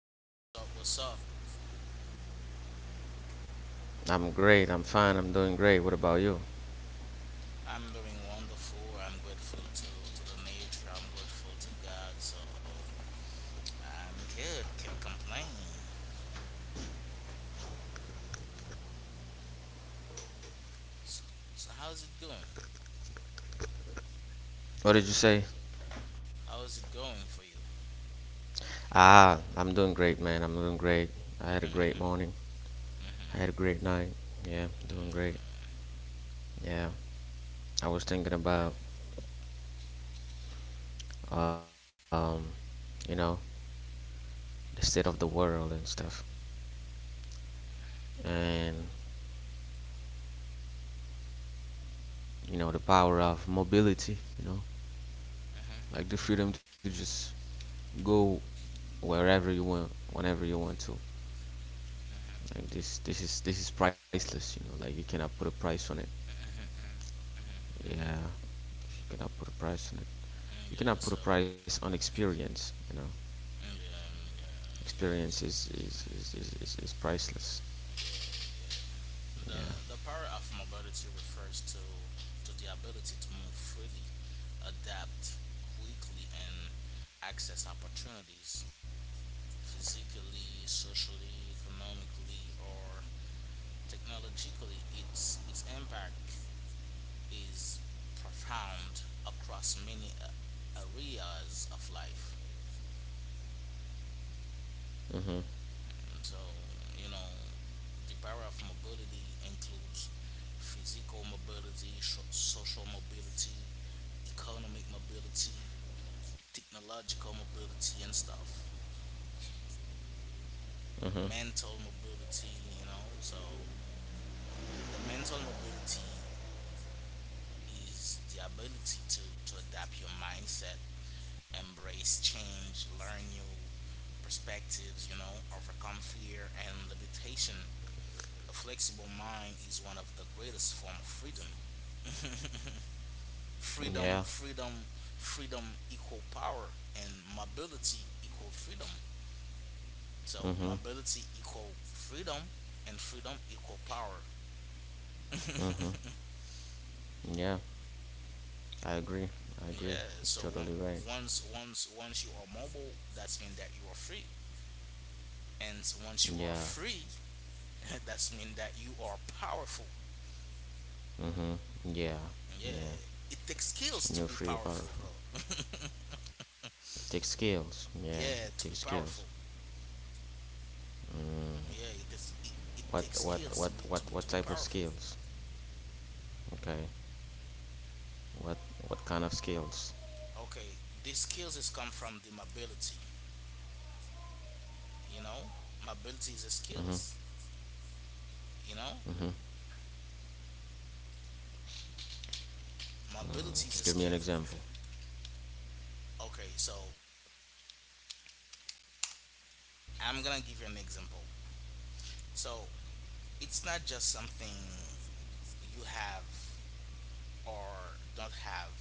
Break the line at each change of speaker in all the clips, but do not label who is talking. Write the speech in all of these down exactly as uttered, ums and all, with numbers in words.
Hello, what's up? What's up?
I'm great. I'm fine. I'm doing great. What about you?
I'm doing wonderful. I'm grateful to, to the nature. I'm grateful to God. So I'm good. Can't complain. So, so how's it going?
What did you say?
How is it going for you?
Ah, I'm doing great, man. I'm doing great. I had a great morning. I
Mm,
had a great night. Yeah, doing great. Yeah, I was thinking about, um, you know, the state of the world and stuff, and you know, the power of mobility. You know, like the freedom to just go wherever you want, whenever you want to. Like this, this is this is priceless. You know, like you cannot put a price on it. Yeah, you cannot put a price on it. You
Yeah.
cannot put a
So
price on experience, you know.
mm, yeah, mm, yeah, yes,
Experience is is is is, is, is priceless.
yeah, yeah. The
Yeah.
the power of mobility refers to to the ability to move freely, adapt quickly, and access opportunities physically, socially, economically, or technologically. Its, its impact is profound across many a- areas of life.
Mhm.
And so, you know, the power of mobility includes physical mobility, sho- social mobility, economic mobility, technological mobility, and stuff.
Mhm.
Mental mobility, you know. So, uh, the mental mobility is the ability to to adapt your mindset, embrace change, learn new perspectives, you know, overcome fear and limitation. A flexible mind is one of the greatest form of freedom. freedom,
Yeah.
freedom, freedom equal power and mobility equal freedom. So
Mhm.
mobility equal freedom and freedom equal power.
Mhm. Yeah, I agree. I
yeah
agree.
so on-
Totally right.
once once once you are mobile that's mean that you are free and so once you are
Yeah.
free that's mean that you are powerful.
Mhm. Yeah.
Yeah,
Yeah,
it takes skills
and
to
you're
be
free and
powerful,
powerful.
bro.
It takes skills, yeah, it takes
Yeah, to
skills.
be powerful.
Mm.
Yeah, it, is, it,
what
it
what
takes
what what
skills to
what
be to
type
be
of
to be
skills?
powerful.
Okay. What what kind of skills?
Okay, these skills is come from the mobility, you know. Mobility is a skills,
Mhm.
you know.
Mhm.
Mobility is a
Give
skill.
me an example.
Okay, so I'm gonna give you an example. So it's not just something you have or don't have,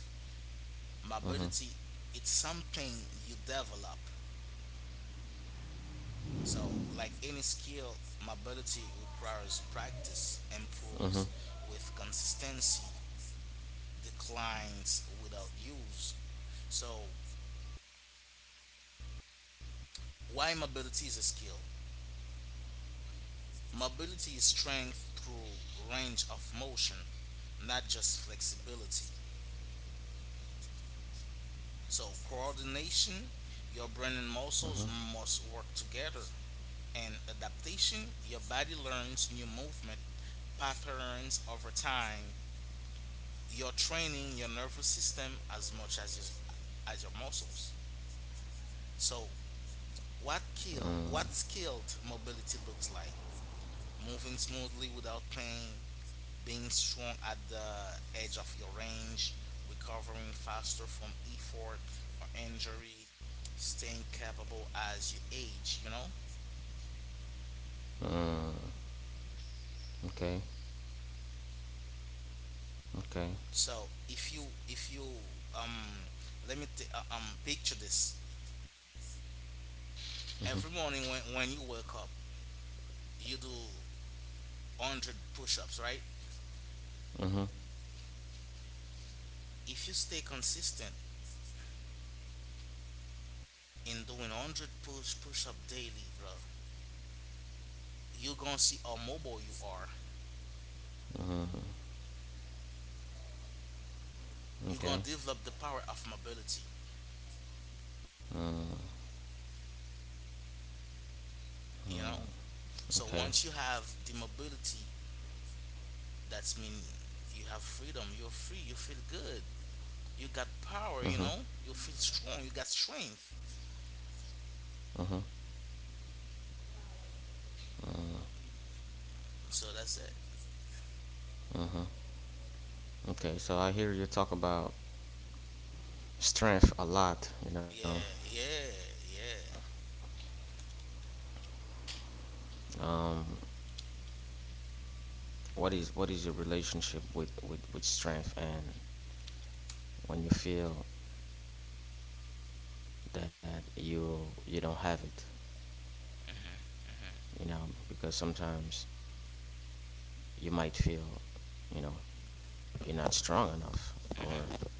Mhm.
mobility. It's something you develop. So like any skill, mobility requires practice, improves
Mhm.
with consistency, declines without use. So why mobility is a skill: mobility is strength through range of motion, not just flexibility. So coordination, your brain and muscles
Mhm.
must work together, and adaptation, your body learns new movement patterns over time. You're training your nervous system as much as your as your muscles. So what kill
Mm.
what skilled mobility looks like. Moving smoothly without pain, being strong at the edge of your range, recovering faster from effort or injury, staying capable as you age, you know?
Mm. Okay. Okay.
So if you if you um let me t- uh, um picture this.
Mhm.
Every morning when when you wake up, you do one hundred push-ups, right?
Mhm.
If you stay consistent in doing one hundred push push-up daily, bro, you're gonna see how mobile you are.
Mhm.
You're gonna
Okay.
develop the power of mobility,
Mm.
you know? So
Okay.
once you have the mobility, that's mean you have freedom, you're free, you feel good. You got power, you
Mhm.
know? You feel strong, you got strength.
Mhm. Mm.
So that's it.
Okay. So I hear you talk about strength a lot. You know,
Yeah, yeah, yeah.
um, what is what is your relationship with with with strength, and when you feel that you you don't have it, you know, because sometimes you might feel, you know, you're not strong enough or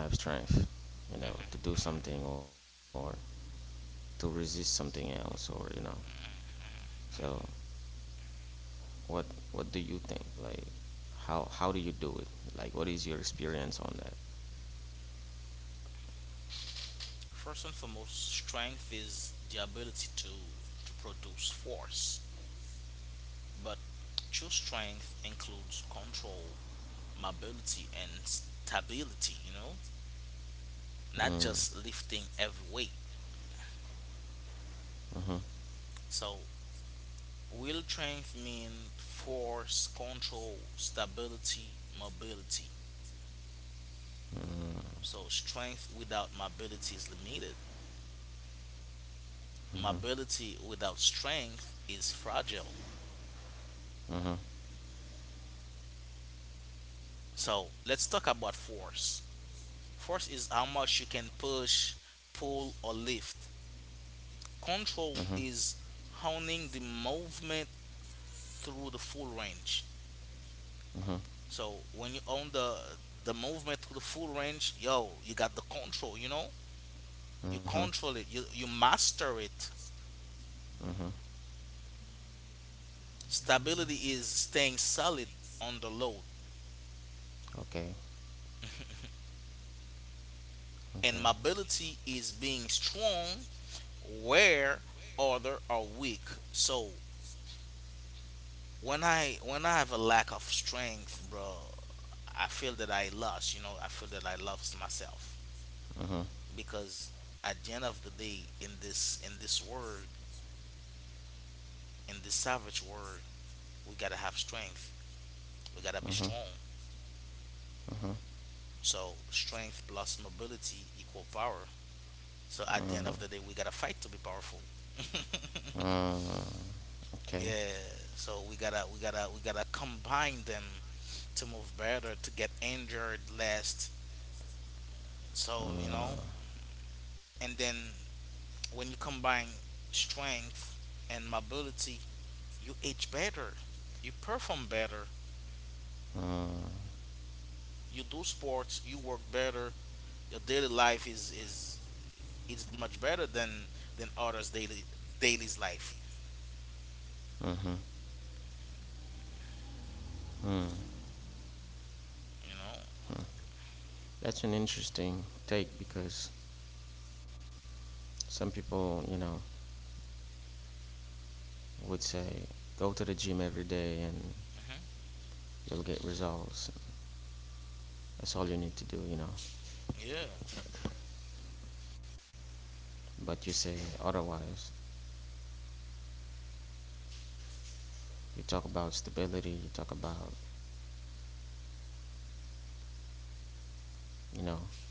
you don't have strength, you
Mhm.
know, to do something or to resist something else, or you know. So what what do you think, like how how do you do it, like what is your experience on that?
First and foremost, strength is the ability to to produce force. But true strength includes control, mobility, and stability, you know, not
Mm.
just lifting every weight.
Mm-hmm.
So real strength means force, control, stability, mobility.
Mm-hmm.
So strength without mobility is limited.
Mm-hmm.
Mobility without strength is fragile. So let's talk about force. Force is how much you can push, pull, or lift. Control
Mm-hmm.
is honing the movement through the full range.
Mm-hmm.
So when you own the the movement through the full range, yo, you got the control. You know, you
Mm-hmm.
control it. You you master it.
Mm-hmm.
Stability is staying solid on the load,
Okay.
and
Okay.
mobility is being strong where other are weak. So when I when I have a lack of strength, bro, I feel that I lost. You know, I feel that I lost myself,
Mm-hmm.
because at the end of the day, in this in this world, in this savage world, we gotta have strength. We gotta be
Mm-hmm.
strong.
Mm-hmm.
So strength plus mobility equal power. So at the end of
Mm-hmm.
the day, we gotta fight to be powerful.
Mm. Okay.
Yeah. So we gotta we gotta we gotta combine them to move better, to get injured less. So you know,
Mm.
and then when you combine strength and mobility, you age better, you perform better,
Mm.
you do sports, you work better. Your daily life is is it's much better than than others daily daily's life.
Mm-hmm. Mm.
You know.
That's an interesting take because some people, you know, would say go to the gym every day and
Hmm.
you'll get results. That's all you need to do, you know.
Yeah.
But you say otherwise. You talk about stability. You talk about, you know,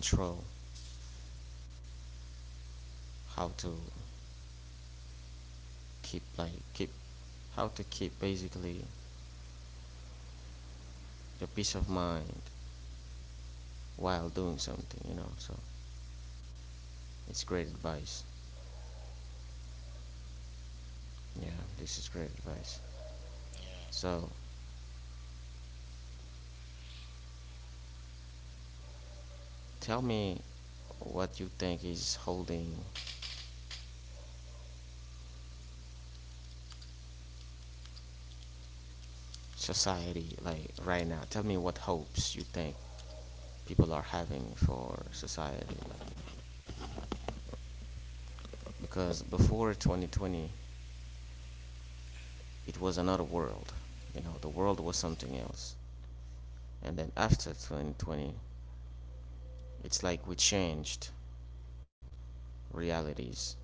control. How to keep, like, keep, how to keep, basically, your peace of mind while doing something. You know. So it's great advice. Yeah, this is great advice.
Yeah.
So tell me what you think is holding society, like, right now. Tell me what hopes you think people are having for society, like, because before twenty twenty it was another world, you know, the world was something else.
Hmm.
And then after twenty twenty it's like we changed realities,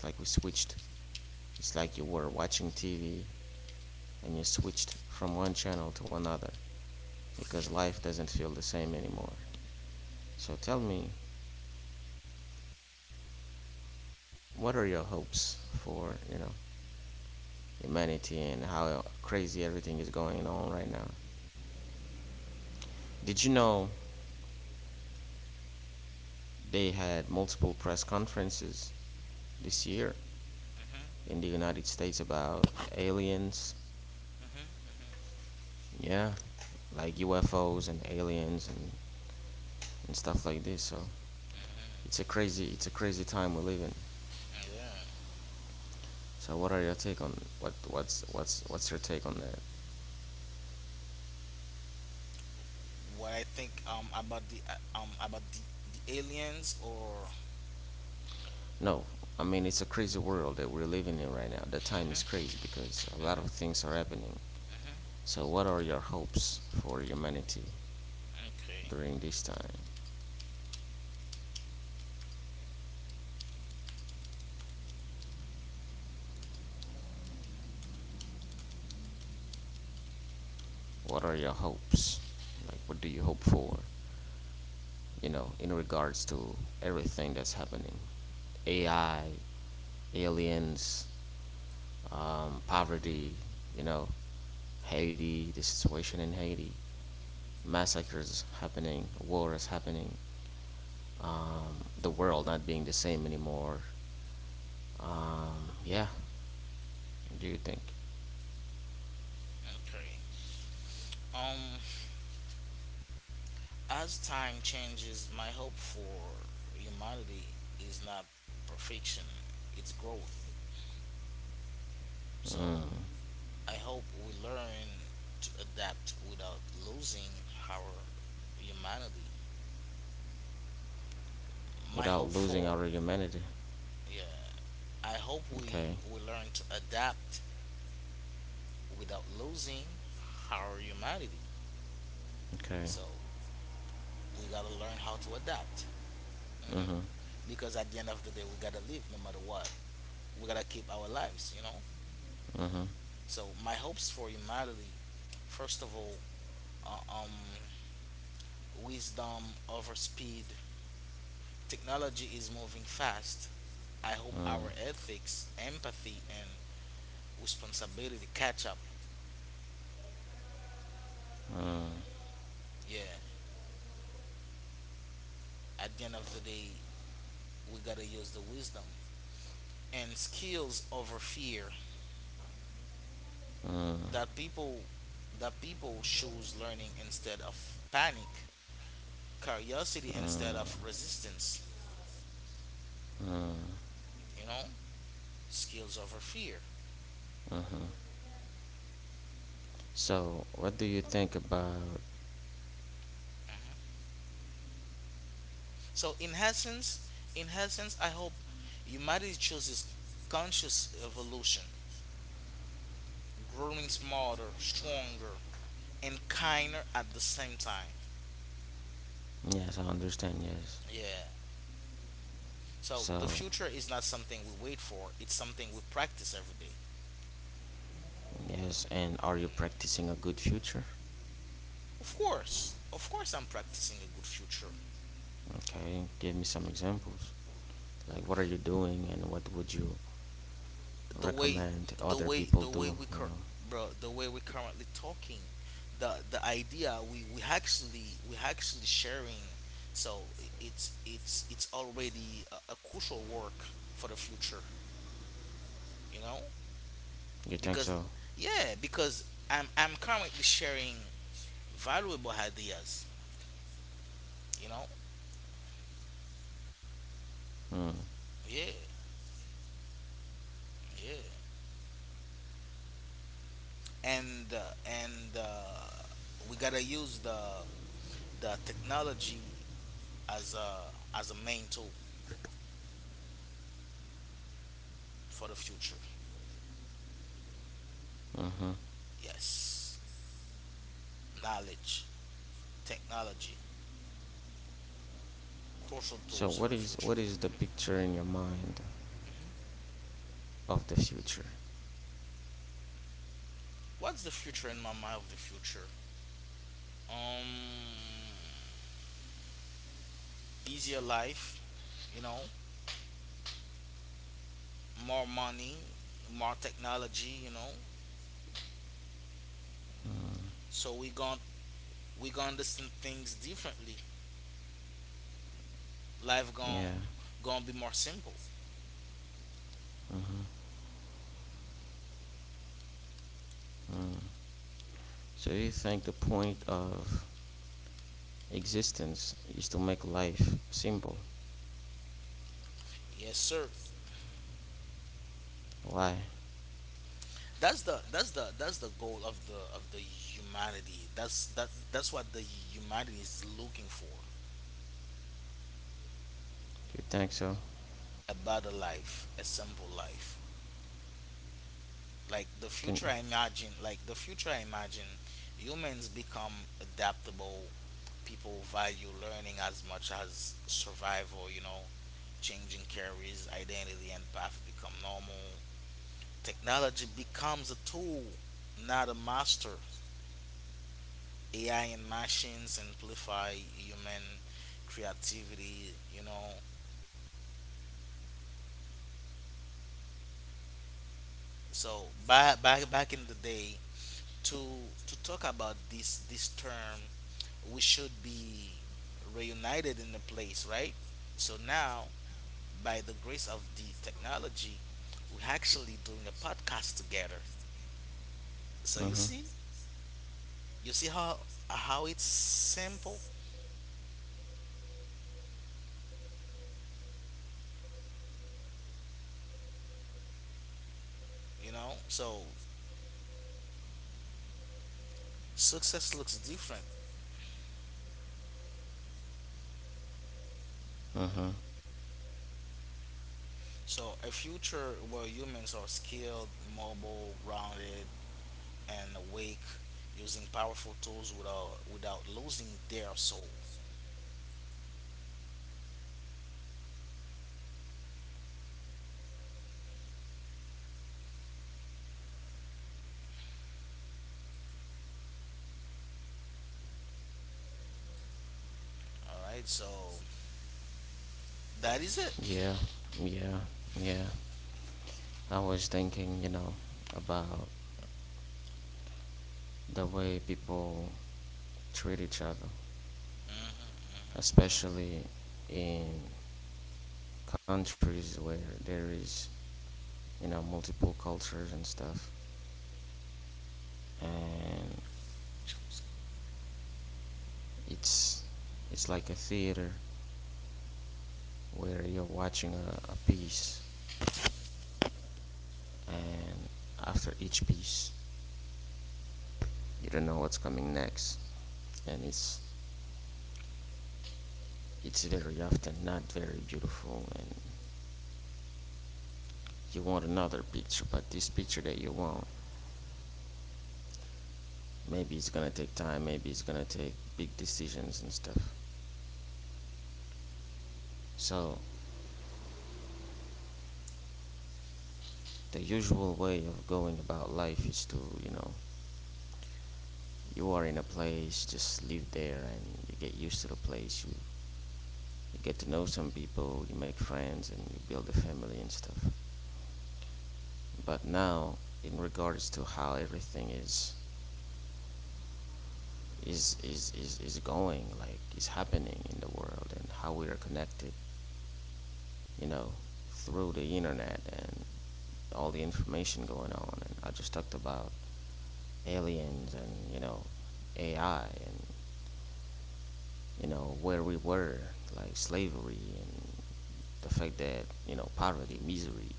it's like we switched, it's like you were watching TV and you switched from one channel to another, because life doesn't feel the same anymore. So tell me, what are your hopes for, you know, humanity, and how crazy everything is going on right now. Did you know they had multiple press conferences this year in
Hmm.
the United States about aliens?
Hmm.
Yeah, like U F Os and aliens and, and stuff like this. So it's a
Hmm.
crazy it's a crazy time we live in.
Yeah.
So what are your take on what what's what's what's your take on that?
What I think um about the uh, um about the, the aliens or.
No, I mean it's a crazy world that we're living in right now. The time
Hmm.
is crazy because a lot
Hmm.
of things are happening.
Hmm.
So what are your hopes for humanity
Okay.
during this time? What are your hopes? Like, what do you hope for? You know, in regards to everything that's happening. A I, aliens, um, poverty, you know, Haiti, the situation in Haiti, massacres happening, war is happening, um, the world not being the same anymore. Um, yeah, what do you think?
Okay. Um, as time changes, my hope for humanity is not perfection; it's growth. So I hope we learn to adapt without losing our humanity. My hope
Without losing
for
our humanity.
yeah, I hope we
Okay,
we learn to adapt without losing our humanity. So
okay.
we gotta learn how to adapt. Hmm. Because at the end of the day, we gotta live no matter what. We gotta keep our lives, you know.
Mm-hmm.
So my hopes for humanity, first of all, uh, um, wisdom over speed. Technology is moving fast, I hope our ethics, empathy, and responsibility catch up. Yeah, at the end of the day, we gotta use the wisdom and skills over fear, that people that people choose learning instead of panic, curiosity instead of resistance. You know, skills over fear.
Mm-hmm. So, what do you think about.
Mhm. So in essence, in essence, I hope humanity chooses conscious evolution, growing smarter, stronger, and kinder at the same time.
Yes, I understand,
Yeah.
yes.
So the future
So,
is not something we wait for, it's something we practice every day.
yes, and are you practicing a good future?
Of course. Of course I'm practicing a good future.
Okay, give me some examples. Like, what are you doing, and what would you
The way the
recommend
way
other
the way
people
we
do?
cur-
You know,
Bro, the way we're currently talking, the the idea we we actually we actually sharing. So it's it's it's already a, a crucial work for the future, you know?
you think so?
Because yeah, because I'm I'm currently sharing valuable ideas, you know.
Mm.
Yeah. Yeah. And uh, and uh, we gotta use the the technology as a as a main tool for the future.
Mm-hmm.
Yes, knowledge, technology, crucial tools
So,
for the
what is
future.
what is the picture in your mind
Hmm.
of the future?
What's the future in my mind of the future. Um, easier life, you know, more money, more technology, you know. So we gon', we gonna listen things differently, life gon'
Yeah.
gonna be more simple.
Mm-hmm. Mm. So, you think the point of existence is to make life simple?
Yes, sir.
Why?
That's the that's the that's the goal of the of the humanity. That's that that's what the humanity is looking for.
You think so?
A better life, a simple life. Like the
Can.
future I imagine, like the future I imagine, humans become adaptable. People value learning as much as survival. You know, changing careers, identity, and path become normal. Technology becomes a tool, not a master. A I and machines amplify human creativity, you know. So back back back in the day, to to talk about this this term, we should be reunited in a place, right? So now, by the grace of the technology, we're actually doing a podcast together. So you see,
Mm-hmm.
you see how how it's simple, you know. So success looks different.
Mm-hmm.
So a future where humans are skilled, mobile, grounded, and awake, using powerful tools without without losing their soul. All right, so that is it.
Yeah. Yeah. Yeah. I was thinking, you know, about the way people treat each other,
Hmm. Hmm.
especially in countries where there is, you know, multiple cultures and stuff. And it's it's like a theater where you're watching a, a piece, and after each piece you don't know what's coming next. And it's it's very often not very beautiful, and you want another picture, but this picture that you want, maybe it's gonna take time, maybe it's gonna take big decisions and stuff. So the usual way of going about life is to, you know, you are in a place, just live there and you get used to the place, you, you get to know some people, you make friends and you build a family and stuff. But now, in regards to how everything is is is is, is, going, like is happening in the world, and how we are connected, you know, through the internet, and all the information going on, and I just talked about aliens and, you know, AI, and, you know, where we were, like slavery, and the fact that, you know, poverty, misery,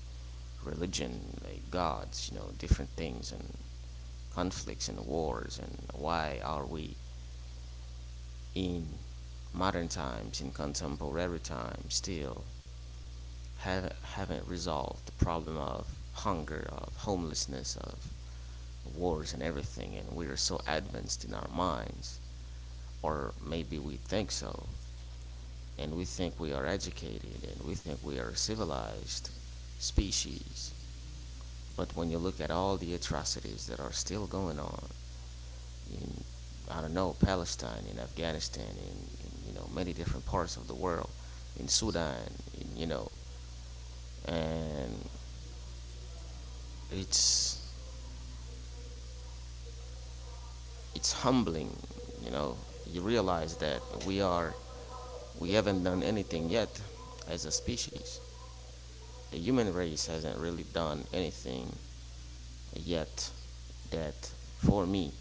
religion, like gods, you know, different things, and conflicts and wars, and why are we in modern times, in contemporary times, still haven't, haven't resolved the problem of hunger, of homelessness, of wars and everything. And we are so advanced in our minds, or maybe we think so, and we think we are educated and we think we are a civilized species. But when you look at all the atrocities that are still going on in, I don't know, Palestine, in Afghanistan, in, in you know many different parts of the world, in Sudan, in, you know, and it's it's humbling, you know. You realize that we are we haven't done anything yet as a species. The human race hasn't really done anything yet that for me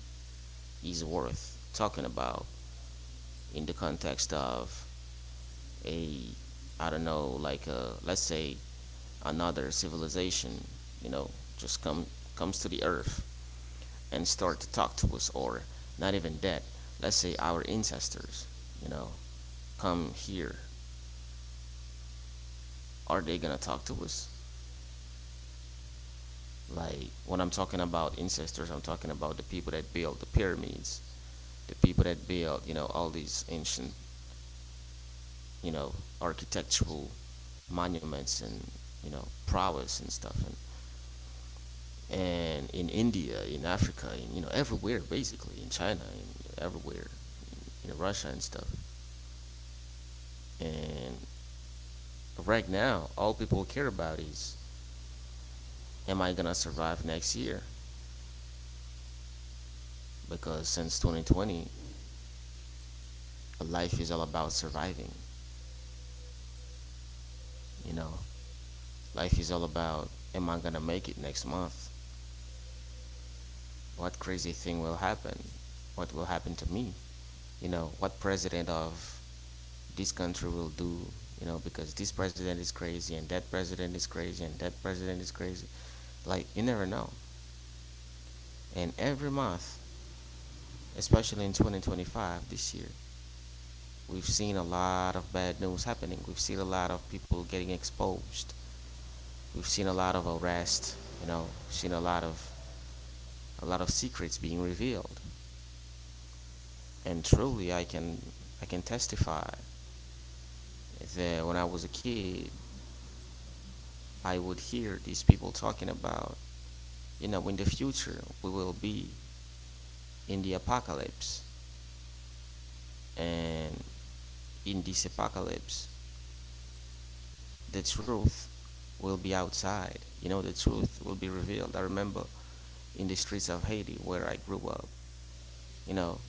is worth talking about in the context of a, I don't know, like, a, let's say, another civilization, you know, just come comes to the earth and start to talk to us. Or not even that, let's say our ancestors, you know, come here. Are they gonna talk to us? Like, when I'm talking about ancestors, I'm talking about the people that built the pyramids, the people that built, you know, all these ancient, you know, architectural monuments and, you know, prowess and stuff. and and in India, in Africa, in, you know, everywhere, basically, in China, in everywhere, in, in Russia and stuff. And right now, all people care about is, am I gonna survive next year? Because since twenty twenty, life is all about surviving. You know, life is all about, am I gonna make it next month? What crazy thing will happen? What will happen to me? You know, what president of this country will do, you know, because this president is crazy, and that president is crazy, and that president is crazy, like, you never know. And every month, especially in twenty twenty-five this year, we've seen a lot of bad news happening, we've seen a lot of people getting exposed, we've seen a lot of arrest, you know, seen a lot of, a lot of secrets being revealed. And truly, I can, I can testify that when I was a kid, I would hear these people talking about, you know, in the future we will be in the apocalypse. And in this apocalypse, the truth will be outside, you know, the truth will be revealed. I remember in the streets of Haiti where I grew up, you know,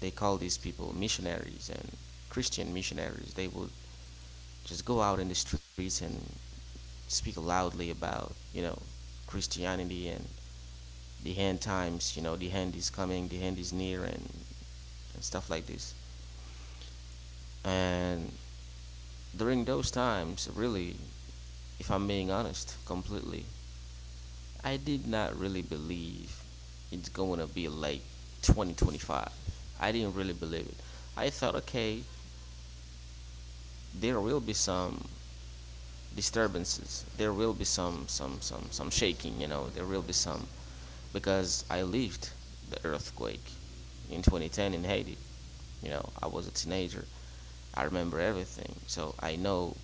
they call these people missionaries, and Christian missionaries, they would just go out in the streets and speak loudly about, you know, Christianity and the end times, you know, the end is coming, the end is near, and, and stuff like this. And during those times, really, if I'm being honest, completely, I did not really believe it's going to be like twenty twenty-five. I didn't really believe it. I thought, okay, there will be some disturbances. There will be some some some some shaking. You know, there will be some, because I lived the earthquake in twenty ten in Haiti. You know, I was a teenager. I remember everything, so I know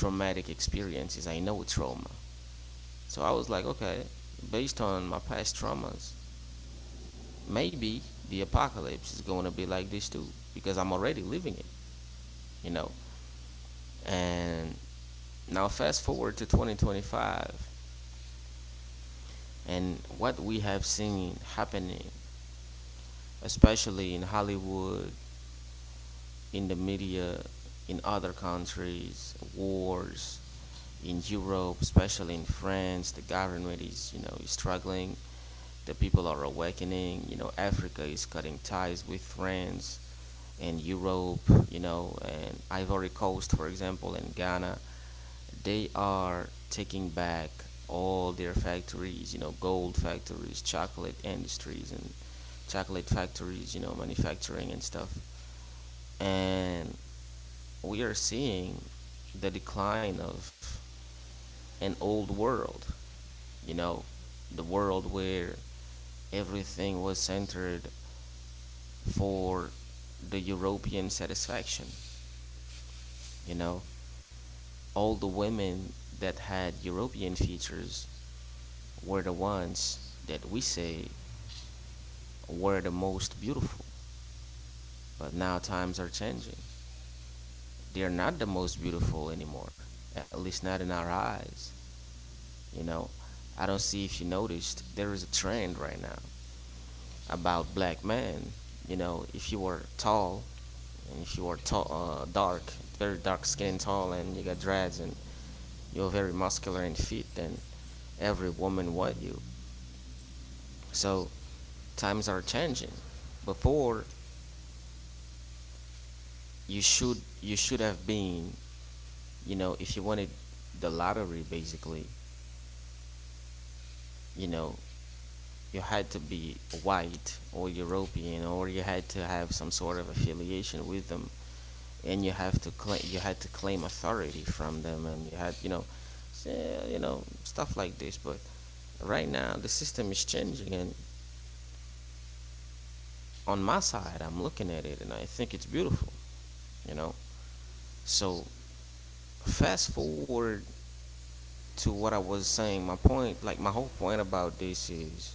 traumatic experiences. I know trauma. So I was like, okay, based on my past traumas, maybe the apocalypse is going to be like this too, because I'm already living it, you know. And now fast forward to twenty twenty-five and what we have seen happening, especially in Hollywood, in the media, in other countries, wars in Europe, especially in France, the government is, you know, is struggling. The people are awakening. You know, Africa is cutting ties with France in Europe, you know, and Ivory Coast, for example, and Ghana, they are taking back all their factories, you know, gold factories, chocolate industries, and chocolate factories, you know, manufacturing and stuff. And we are seeing the decline of an old world, you know, the world where everything was centered for the European satisfaction, you know, all the women that had European features were the ones that we say were the most beautiful. But now times are changing. They're not the most beautiful anymore, at least not in our eyes. You know, I don't see if you noticed, there is a trend right now about black men. You know, if you are tall and if you are tall, uh, dark, very dark skin, tall, and you got dreads and you're very muscular and fit, then every woman want you. So times are changing. Before you should you should have been, you know, if you wanted the lottery basically, you know, you had to be white or European or you had to have some sort of affiliation with them and you have to claim you had to claim authority from them and you had, you know, eh, you know, stuff like this, but right now the system is changing and on my side I'm looking at it and I think it's beautiful, you know. So fast forward to what I was saying, my point, like my whole point about this is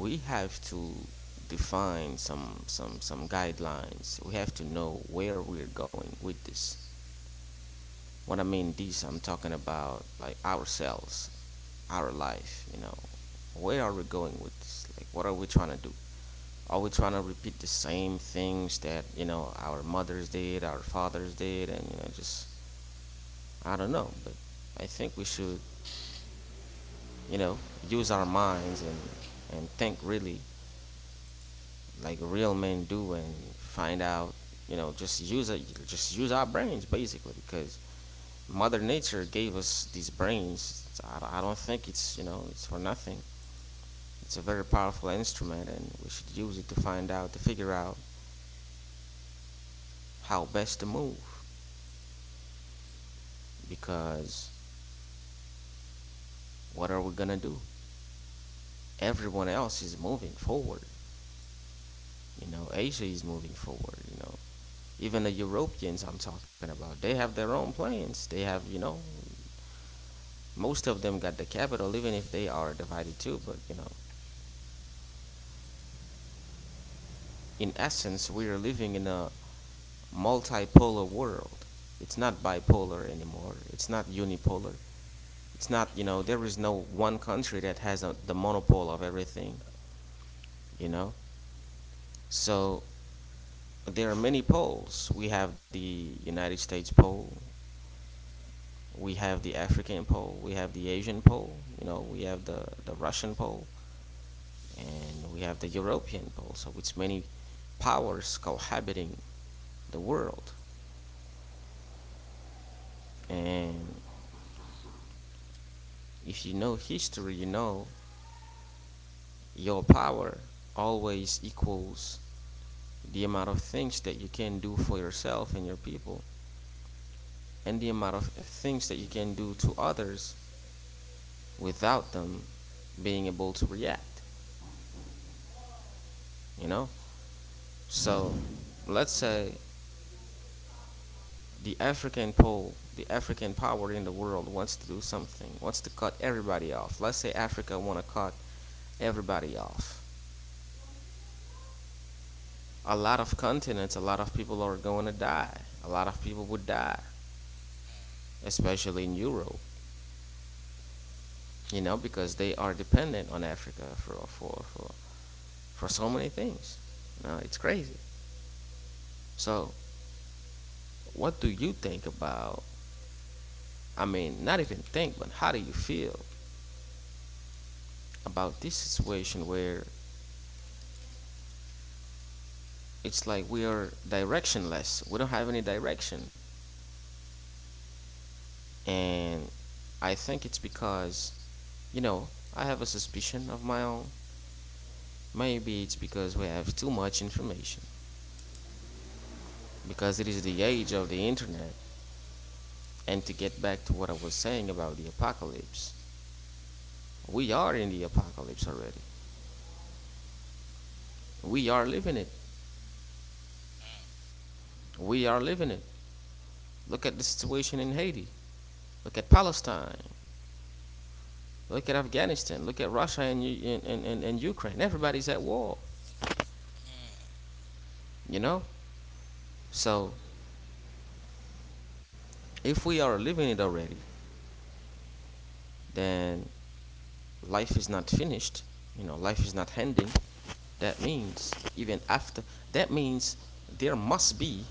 we have to define some some some guidelines. We have to know where we're going with this. When I mean this, I'm talking about like ourselves, our life, you know. Where are we going with this? Like what are we trying to do? Are we trying to repeat the same things that, you know, our mothers did, our fathers did and you know just I don't know, but I think we should you know, use our minds and, and think really like real men do and find out, you know, just use it, just use our brains basically because Mother Nature gave us these brains. So I don't think it's, you know, it's for nothing. It's a very powerful instrument and we should use it to find out, to figure out how best to move because what are we gonna do? Everyone else is moving forward. You know, Asia is moving forward. You know, Even the Europeans I'm talking about, they have their own planes. They have, you know, most of them got the capital, even if they are divided too. But, you know, in essence, we are living in a multipolar world. It's not bipolar anymore. It's not unipolar. It's not, you
Okay.
know, there is no one country that has a, the monopole of everything, you know? So there are many poles. We have the United States pole, we have the African pole, we have the Asian pole, you know, we have the, the Russian pole, and we have the European pole, so it's many powers cohabiting the world. And if you know history, you know your power always equals the amount of things that you can do for yourself and your people, and the amount of things that you can do to others without them being able to react, you know? So let's say the African pole, the African power in the world wants to do something, wants to cut everybody off. Let's say Africa want to cut everybody off. A lot of continents, a lot of people are going to die. A lot of people would die, especially in Europe, you know, because they are dependent on Africa for for for, for so many things. You know, it's crazy. So, what do you think about? I mean, not even think, but how do you feel about this situation where it's like we are directionless. We don't have any direction. And I think it's because, you know, I have a suspicion of my own. Maybe it's because we have too much information, because it is the age of the internet. And to get back to what I was saying about the apocalypse, we are in the apocalypse already. We are living it. We are living it. Look at the situation in Haiti. Look at Palestine. Look at Afghanistan. Look at Russia and, and, and, and Ukraine. Everybody's at war, you know? So if we are living it already, then life is not finished. You know, life is not ending. That means even after that means there must be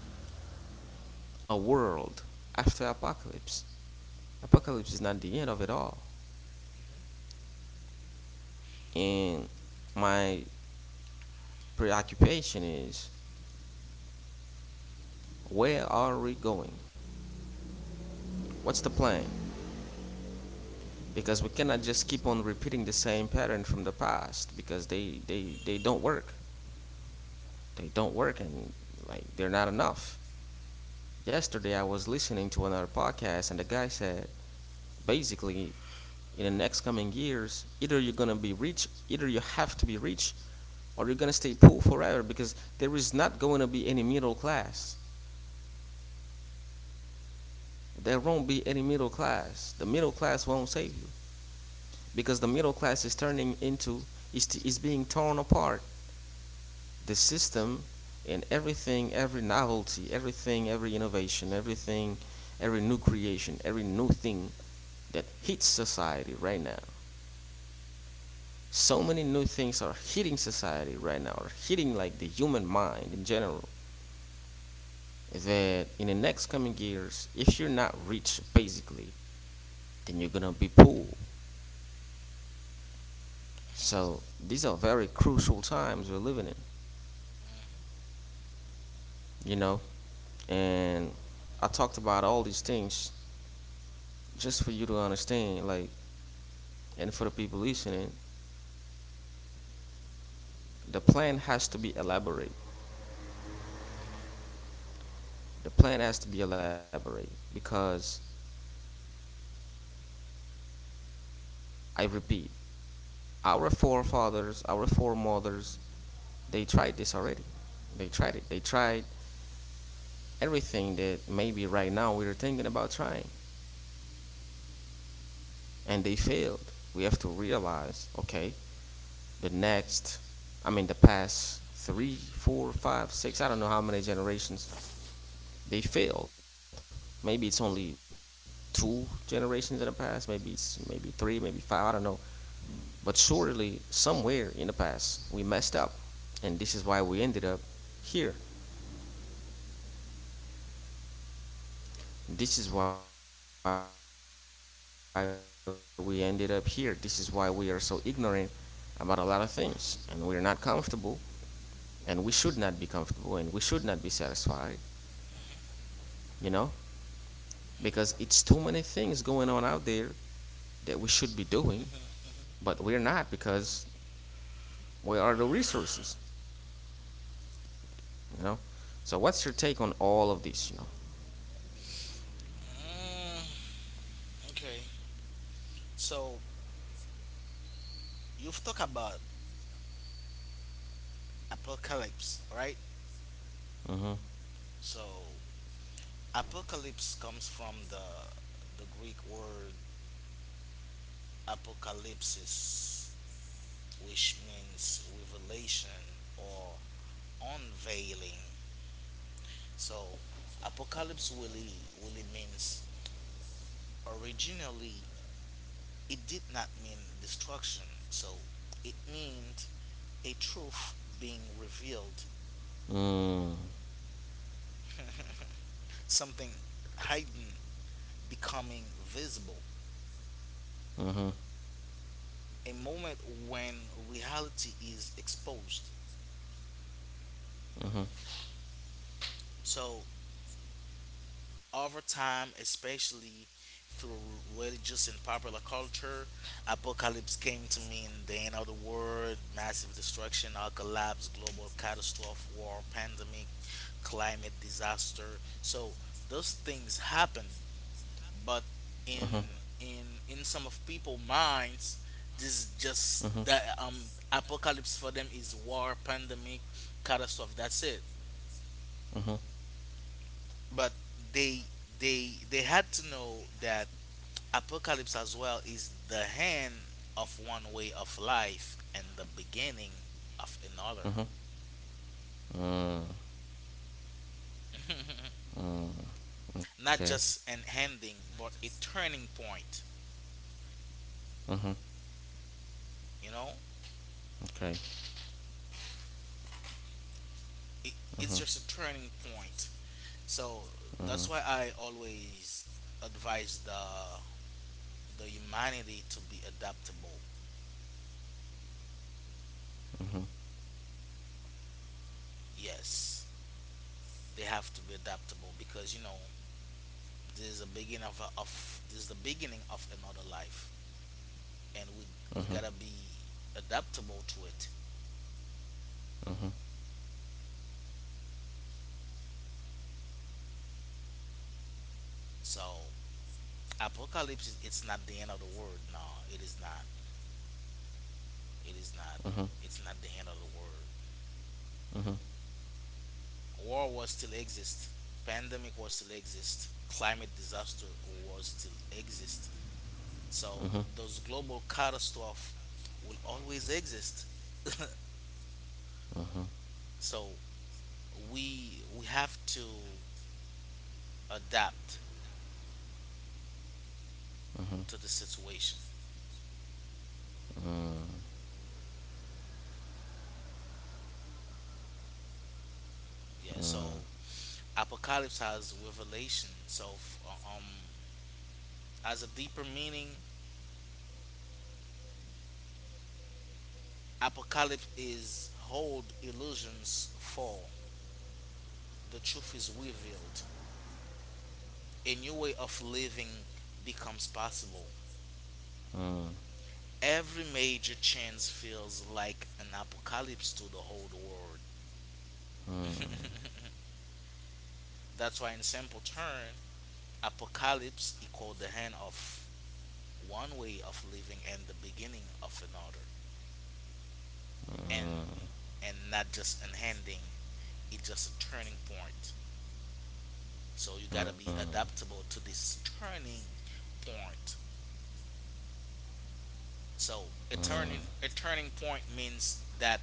a world after apocalypse. Apocalypse is not the end of it all. And my preoccupation is where are we going? What's the plan? Because we cannot just keep on repeating the same pattern from the past because they, they, they don't work. They don't work and like they're not enough. Yesterday I was listening to another podcast and the guy said basically in the next coming years either you're going to be rich either you have to be rich or you're going to stay poor forever because there is not going to be any middle class, there won't be any middle class the middle class won't save you because the middle class is turning into, is, is being torn apart the system, and everything, every novelty, everything, every innovation, everything, every new creation, every new thing that hits society right now, so many new things are hitting society right now, are hitting like the human mind in general, that in the next coming years if you're not rich basically, then you're gonna be poor. So these are very crucial times we're living in, you know and I talked about all these things just for you to understand, like, and for the people listening, the plan has to be elaborate. The plan has to be elaborate because I repeat, our forefathers, our foremothers, they tried this already. They tried it. They tried everything that maybe right now we are thinking about trying and they failed. We have to realize, okay, the next, I mean, the past three, four, five, six, I don't know how many generations, they failed. Maybe it's only two generations in the past, maybe it's maybe three, maybe five, I don't know. But surely somewhere in the past we messed up, and this is why we ended up here. This is why we ended up here. This is why we are so ignorant about a lot of things. And we're not comfortable. And we should not be comfortable. And we should not be satisfied, you know? Because it's too many things going on out there that we should be doing. But we're not because we are the resources, you know? So, what's your take on all of this, you
Mm, okay. So you've talked about apocalypse, right?
know?
So apocalypse comes from the the Greek word apocalypsis, which means revelation or unveiling. So apocalypse really, really means originally it did not mean destruction. So it meant a truth being revealed,
Hmm. Mm
something hidden becoming visible,
hmm.
a moment when reality is exposed.
Mm hmm.
So over time, especially through religious and popular culture. Apocalypse came to mean the end of the world, massive destruction, or collapse, global catastrophe, war, pandemic, climate disaster. So those things happen, but
Mm hmm.
in in in some of people minds, this is
Mm hmm.
just the um apocalypse for them is war, pandemic, catastrophe. That's it.
Mm hmm.
But they they they had to know that apocalypse as well is the end of one way of life and the beginning of another.
Mm, okay.
Not just an ending, but a turning point,
Mm-hmm.
you know?
Okay. Mm-hmm. Mm-hmm.
It, it's just a turning point. So that's why I always advise the the humanity to be adaptable.
Mm-hmm.
Yes, they have to be adaptable, because you know this is the beginning of, a, of, this is the beginning of another life. And we
Mhm.
we gotta be adaptable to it.
Mhm.
So apocalypse is- it's not the end of the world. No, it is not. It is
Mhm.
not. It's not the end of the world.
Mhm.
War will still exist. Pandemic will still exist. Climate disaster will still exist.
Mhm.
So those global catastrophes will always exist. So we we have to adapt to the situation. Yeah. So apocalypse has revelation. So f- um as a deeper meaning. Apocalypse is hold illusions fall. The truth is revealed. A new way of living becomes possible.
Mm.
Every major change feels like an apocalypse to the whole world.
Mm.
That's why, in simple term, apocalypse equals the end of one way of living and the beginning of another, and
Mm.
and not just an ending. It's just a turning point. So you gotta
Mm.
be adaptable to this turning point. So a turning a turning point means that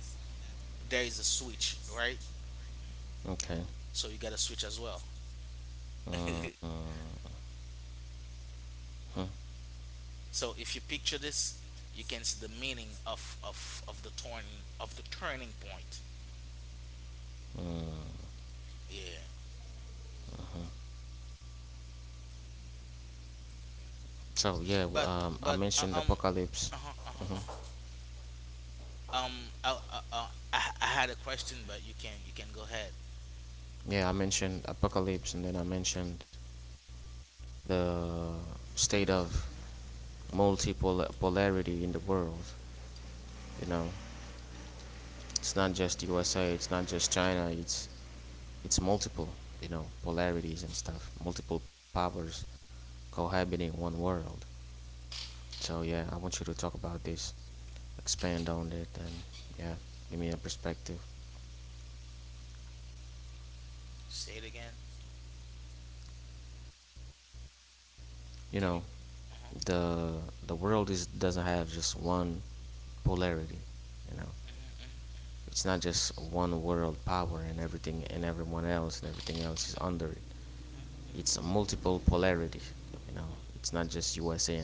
there is a switch, right?
Okay.
So you gotta switch as well.
Mm. Mhm.
So if you picture this, you can see the meaning of of, of the turning of the turning point. Yeah.
So yeah, w-
But
um, I
but
mentioned
uh, um
apocalypse.
uh-huh,
Mhm.
uh-huh, uh-huh. um I, uh, uh, I I had a question, but you can you can go ahead.
Yeah, I mentioned apocalypse, and then I mentioned the state of multiple polarity in the world. You know, it's not just U S A, it's not just China, it's it's multiple. You know, polarities and stuff, multiple powers cohabiting one world. So yeah, I want you to talk about this, expand on it, and yeah, give me a perspective.
Say it again.
You know,
Can you?
the the
Uh-huh,
world is doesn't have just one polarity. You know, it's
uh-huh,
not just one world power and everything and everyone else and everything else is under
uh-huh,
it.
uh-huh,
It's a multiple polarity. You know, it's not just
uh-huh,
U S A and China.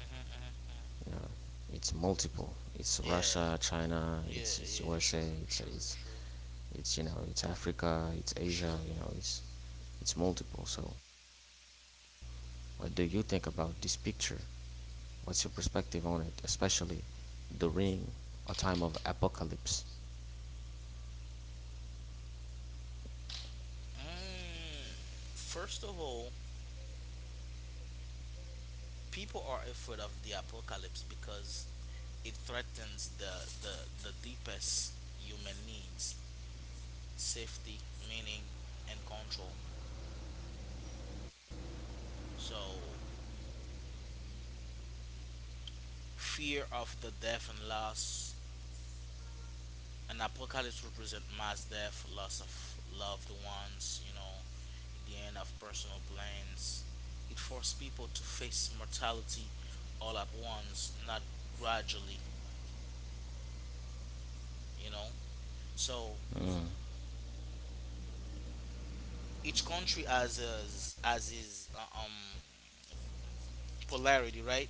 uh-huh, uh-huh.
You know,
uh-huh.
it's multiple. It's Russia,
Yeah.
China, it's it's
Yeah,
U S A,
yeah,
it's
sure,
it's
sure, sure,
it's you know it's Africa, it's Asia. You
sure.
know, it's it's multiple. So, what do you think about this picture? What's your perspective on it, especially during a time of apocalypse?
Mm, First of all, people are afraid of the apocalypse because it threatens the, the, the deepest human needs: safety, meaning, and control. So, fear of the death and loss, and apocalypse represent mass death, loss of loved ones, you know, the end of personal plans. It forced people to face mortality all at once, not gradually, you know. So
Mm,
each country has is, has its uh, um polarity, right?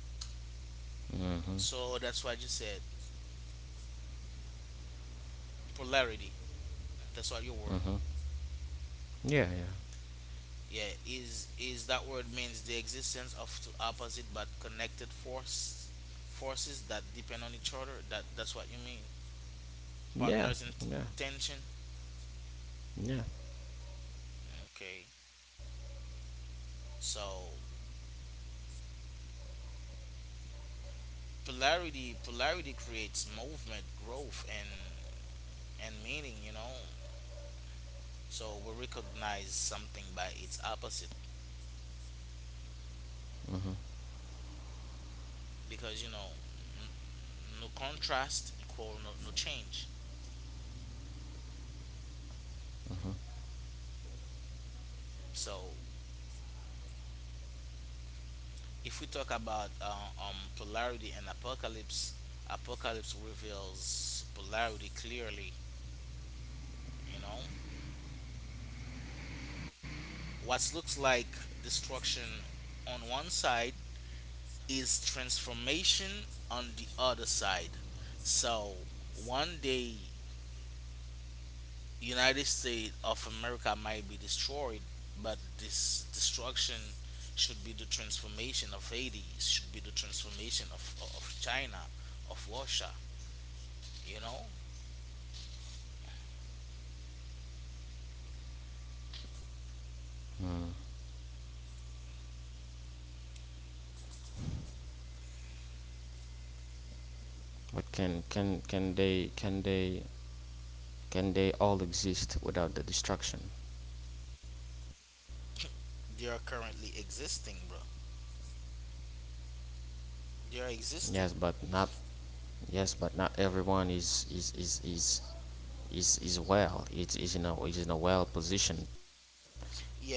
mm-hmm,
So that's what you said, polarity. That's what
mm-hmm.
your word.
Yeah, yeah,
Yeah, is is that word means the existence of two opposite but connected force forces that depend on each other, that that's what you mean,
yeah,
partners in
yeah,
t- tension.
yeah.
Okay, so polarity polarity creates movement, growth, and and meaning, you know. So we recognize something by its opposite,
Mm-hmm.
because you know, n- no contrast equal no, no change. So if we talk about uh, um, polarity and apocalypse, apocalypse reveals polarity clearly. You know, what looks like destruction on one side is transformation on the other side. So one day, United States of America might be destroyed, but this destruction should be the transformation of Haiti, should be the transformation of of China, of Russia. You know,
But can can can they can they can they all exist without the destruction?
They are currently existing, bro. They are existing.
Yes, but not yes, but not everyone is is is is is, is well. It's is in a is in a well position.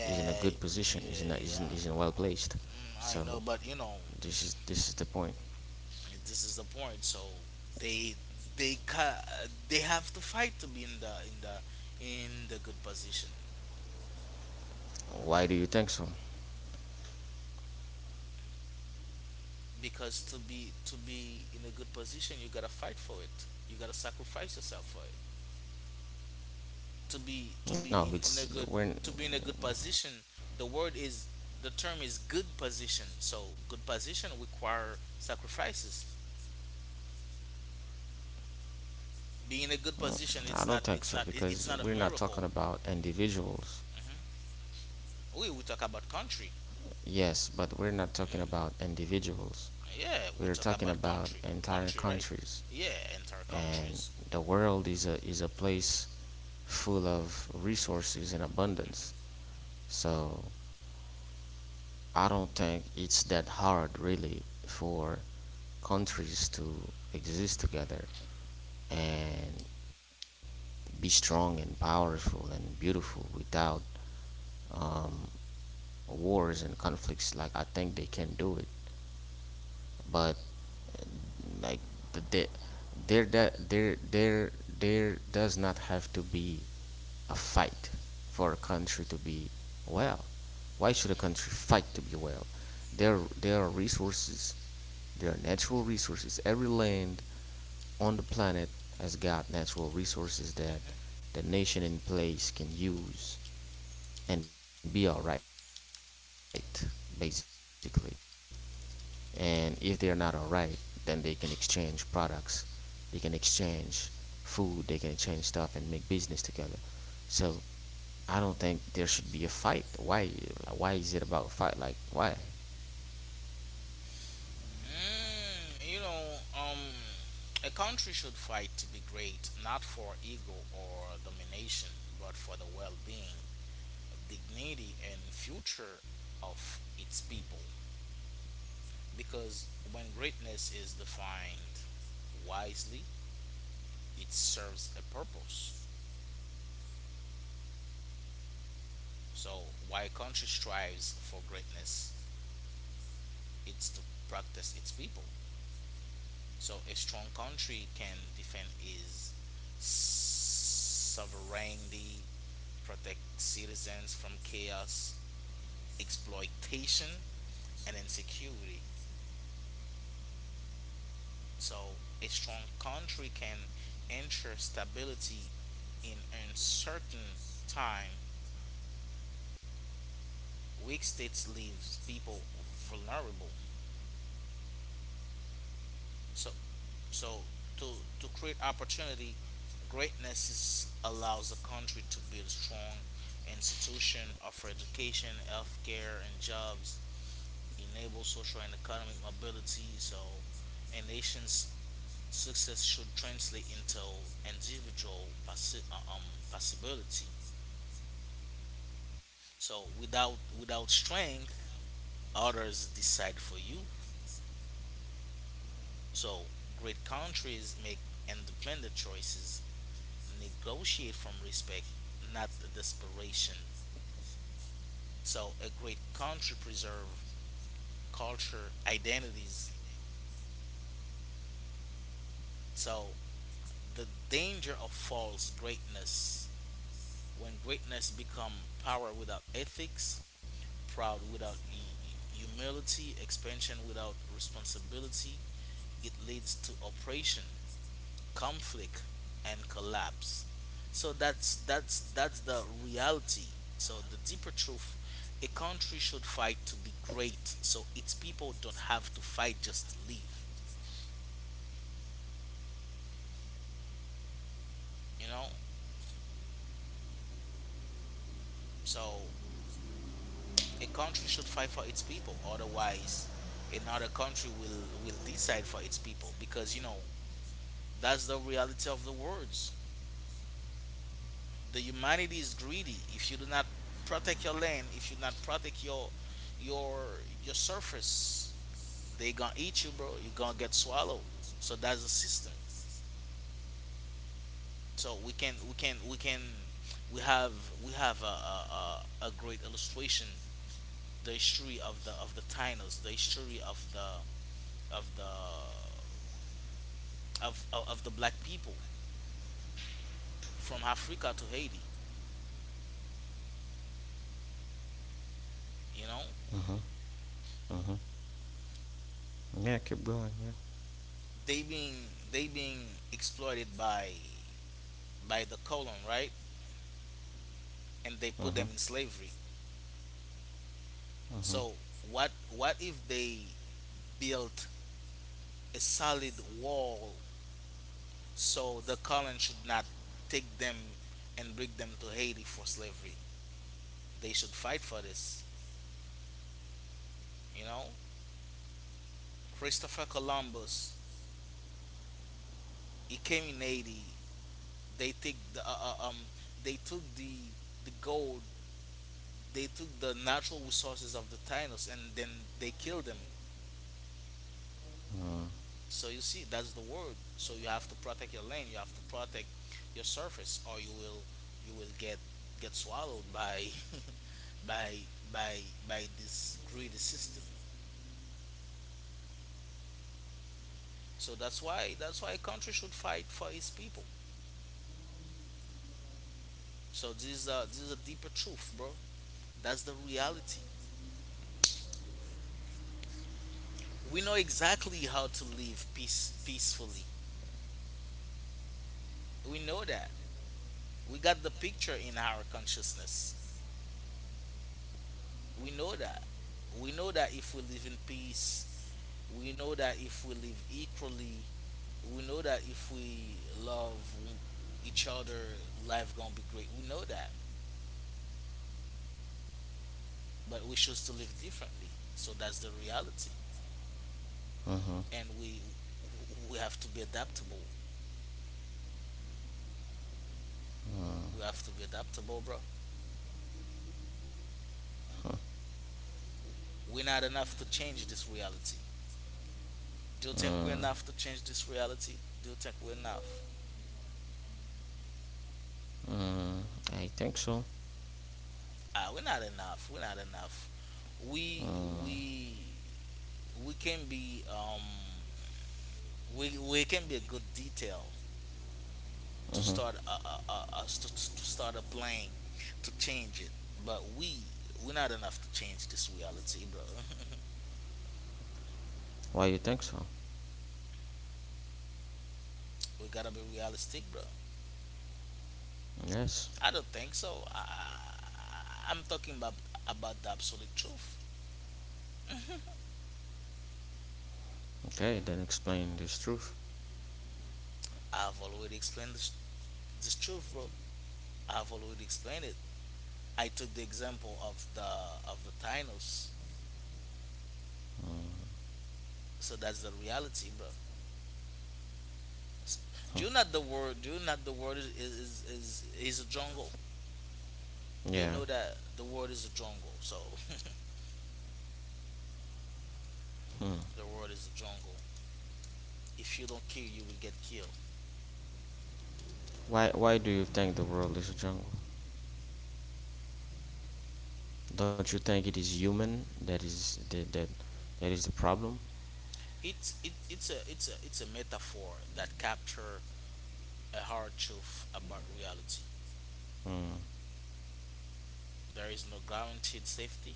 Is in a good position. Is in a,
yeah,
is in, is in
yeah.
well placed.
Um, I know,
So
but you know,
this is this is the point.
this is the point. So they they ca- they have to fight to be in the in the in the good position,
Why do you think so?
because to be to be in a good position, you gotta fight for it. You gotta sacrifice yourself for it. To be to be in, in a
No,
good,
it's
to be in a
we're.
good position, the word is the term is good position. So good position require sacrifices. Be in a good
mm,
position.
I
It's not.
don't think
It's
so
not. it- It's
because
not a
we're not
miracle.
talking about individuals.
Hmm. We we talk about country.
Yes, but we're not talking
Mm,
about individuals.
yeah, we
We're
talk
talking
about
about
country.
entire
Country, right?
countries,
Yeah, entire
and
countries.
the world is a is a place full of resources and abundance.
Mm-hmm,
So I don't think it's that hard really for countries to exist together and be strong and powerful and beautiful without um, wars and conflicts. Like I think they can do it, but like the, the there that there there there does not have to be a fight for a country to be well. Why should a
mm-hmm,
country fight to be well? There there are resources, there are natural resources. Every land on the planet has got natural resources that
mm-hmm.
the nation in place can use and be all right basically. And if they're not all right, then they can exchange products, they can exchange food, they can exchange stuff and make business together. So I don't think there should be a fight. Why, why is it about fight, like, why?
Mm, you know, um, a country should fight to be great, not for ego or domination, but for the well-being, dignity, and future of its people. Because when greatness is defined wisely, it serves a purpose. So why country strives for greatness, it's to practice its people. So a strong country can defend its sovereignty, protect citizens from chaos, exploitation, and insecurity. So a strong country can ensure stability in uncertain time. Weak states leaves people vulnerable. So So to to create opportunity, greatness is, allows a country to build strong institution, offer education, healthcare, and jobs, enable social and economic mobility. So a nation's success should translate into individual possi- uh, um, possibility. So without without strength, others decide for you. So great countries make independent choices, negotiate from respect, not desperation. So a great country preserve culture identities. So the danger of false greatness: when greatness become power without ethics, proud without hu- humility, expansion without responsibility, it leads to oppression, conflict, and collapse. So that's that's that's the reality. So the deeper truth: a country should fight to be great so its people don't have to fight just to live, you know. So a country should fight for its people, otherwise another country will will decide for its people, because you know, that's the reality of the words. The humanity is greedy. If you do not protect your land, if you do not protect your your your surface, they gonna eat you, bro. You gonna get swallowed. So that's the system. So we can we can we can we have we have a a, a, a great illustration. The history of the of the Tainos, the history of the of the of of, of the black people from Africa to Haiti. You know,
Hmm. Yeah, keep going. Yeah.
they being they being exploited by by the colon, right? And they put them
Hmm.
in slavery. So what what if they built a solid wall, so the colon should not take them and bring them to Haiti for slavery. They should fight for this, you know? Christopher Columbus, he came in Haiti. They take the uh, uh, um they took the the gold, they took the natural resources of the Tainos, and then they killed them. So you see, that's the word. So you have to protect your land, you have to protect your surface, or you will you will get get swallowed by by by by this greedy system. So that's why that's why a country should fight for its people. So this is a, this is a deeper truth, bro. That's the reality. We know exactly how to live peace peacefully. We know that. We got the picture in our consciousness. We know that. We know that if we live in peace, we know that if we live equally, we know that if we love each other, life gonna be great. We know that, but we choose to live differently. So that's the reality. And we we have to be adaptable. We have to be adaptable, bro. We're not enough to change this reality. Do you think we're enough to change this reality? Do you think we're enough?
I think so.
Ah, we're not enough. We're not enough. We we we can be um we we can be a good detail to
Hmm.
start a, a, a, a to, to start a plane to change it, but we we're not enough to change this reality, bro.
Why you think so?
We gotta be realistic, bro.
Yes.
I don't think so. I, I'm talking about about the absolute truth.
Okay, then explain this truth.
I've already explained this, this truth, bro. I've already explained it. I took the example of the of the Thanos, so that's the reality, bro. S- Do you
Hmm.
not the world? Do you not the world is is is is a jungle? Do you know
Yeah.
that the world is a jungle? So
Hmm.
the world is a jungle. If you don't kill, you will get killed.
Why Why do you think the world is a jungle? Don't you think it is human that is that that, that is the problem?
It's it, it's a it's a it's a metaphor that capture a hard truth about reality.
Mm.
There is no guaranteed safety.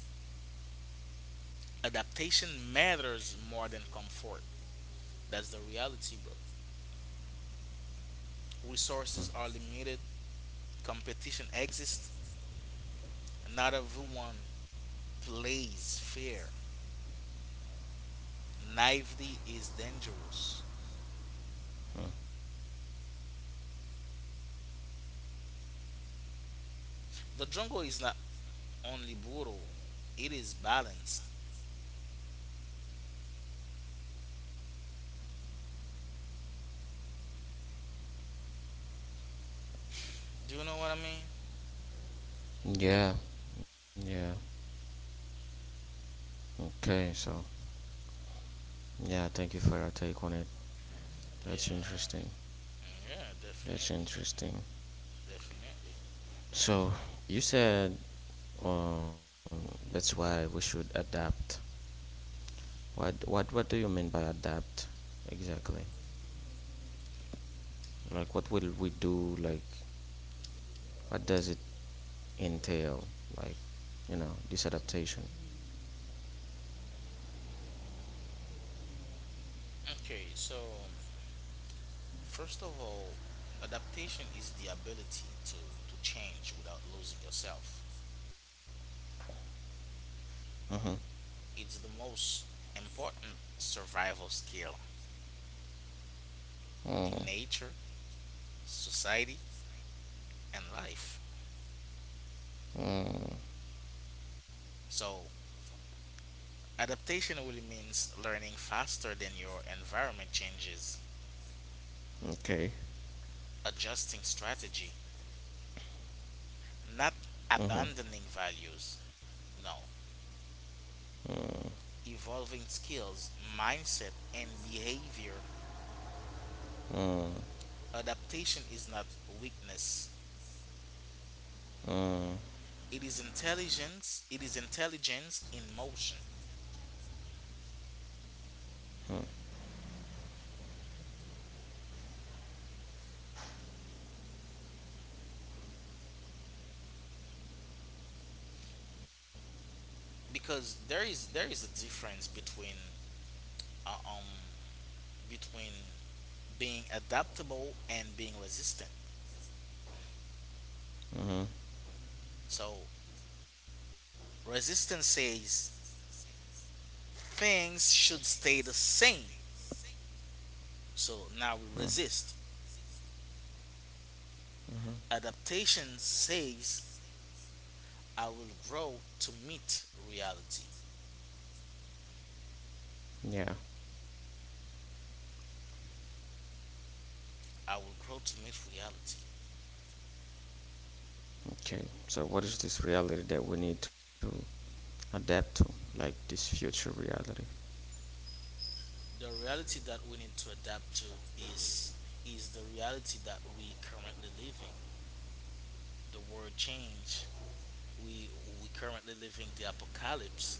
Adaptation matters more than comfort. That's the reality, bro. Resources are limited. Competition exists. Not everyone plays fair. Naivety is dangerous. The jungle is not only brutal, it is balanced. Do you know what I mean?
Yeah, yeah. Okay, so yeah, thank you for your take on it. That's
Yeah,
interesting.
yeah,
That's
definitely, man.
interesting.
Definitely.
So you said um that's why we should adapt. What what what do you mean by adapt exactly? Like what will we do? Like what does it entail? Like, you know, this adaptation.
Okay, so first of all, adaptation is the ability to, to change without losing yourself. It's the most important survival skill in
Mm,
nature, society, and life. So, adaptation really means learning faster than your environment changes,
okay.
adjusting strategy, not abandoning values. No, evolving skills, mindset, and behavior.
Mm,
Adaptation is not weakness, it is intelligence. It is intelligence in motion, because there is there is a difference between uh, um between being adaptable and being resistant.
mm.
So resistance says things should stay the same. So now we resist. Adaptation says I will grow to meet reality.
Yeah.
I will grow to meet reality.
Okay. So what is this reality that we need to adapt to? Like this future reality?
The reality that we need to adapt to is is the reality that we currently living, the world change. We we currently living the apocalypse.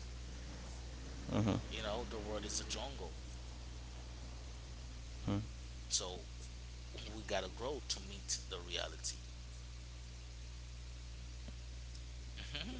Mm-hmm.
You know, the world is a jungle. So we gotta grow to meet the reality. Mhm.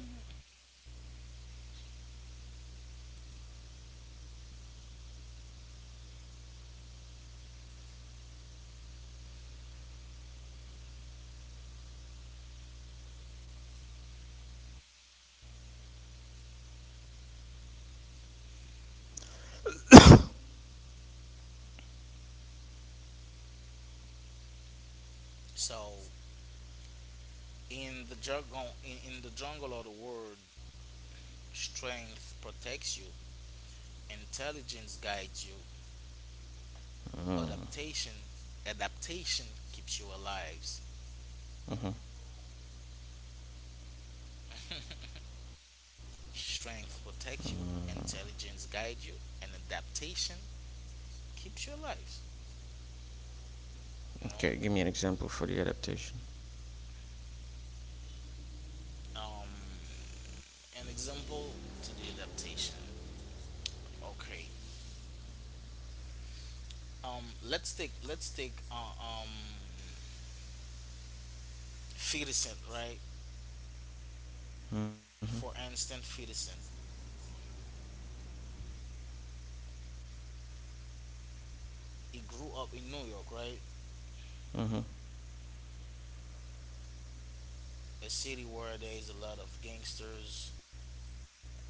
So in the jungle, in, in the jungle of the world, strength protects you, intelligence guides you, adaptation adaptation keeps you alive. Strength protects you, intelligence guides you, and adaptation keeps you alive. You
Okay,
know,
give me an example for the adaptation.
um, an example to the adaptation. Okay. Um, let's take let's take uh, um, Ferguson, right? For instance, Ferguson. He grew up in New York, right?
Mm-hmm.
A city where there is a lot of gangsters,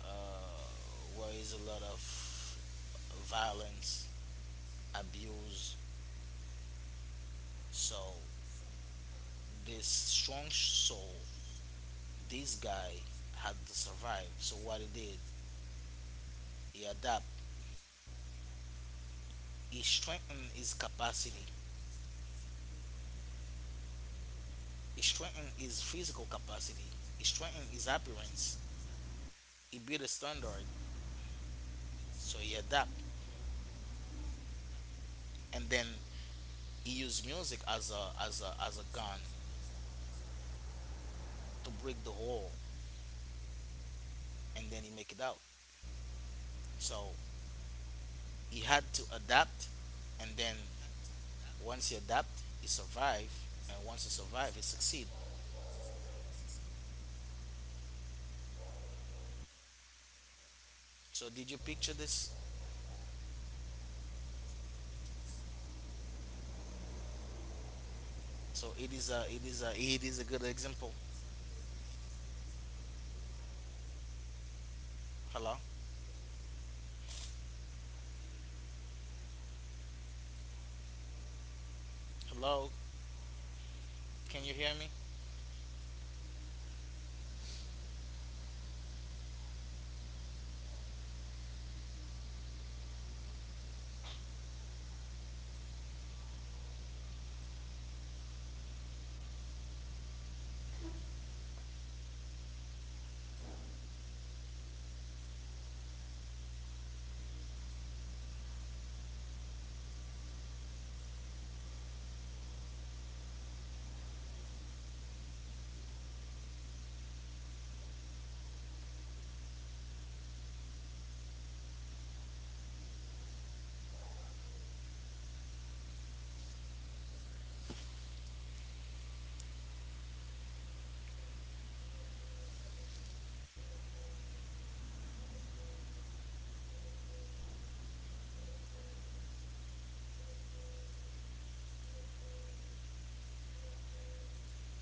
uh, where is a lot of violence, abuse. So this strong soul, this guy had to survive. So what he did, he adapt. He strengthened his capacity He strengthened his physical capacity. He strengthened his appearance. He built a standard, so he adapt, and then he used music as a as a as a gun to break the wall, and then he make it out. So he had to adapt, and then once he adapt, he survive, and once he survive, he succeed. So did you picture this? So it is a it is a it is a good example. Hello, hello, can you hear me?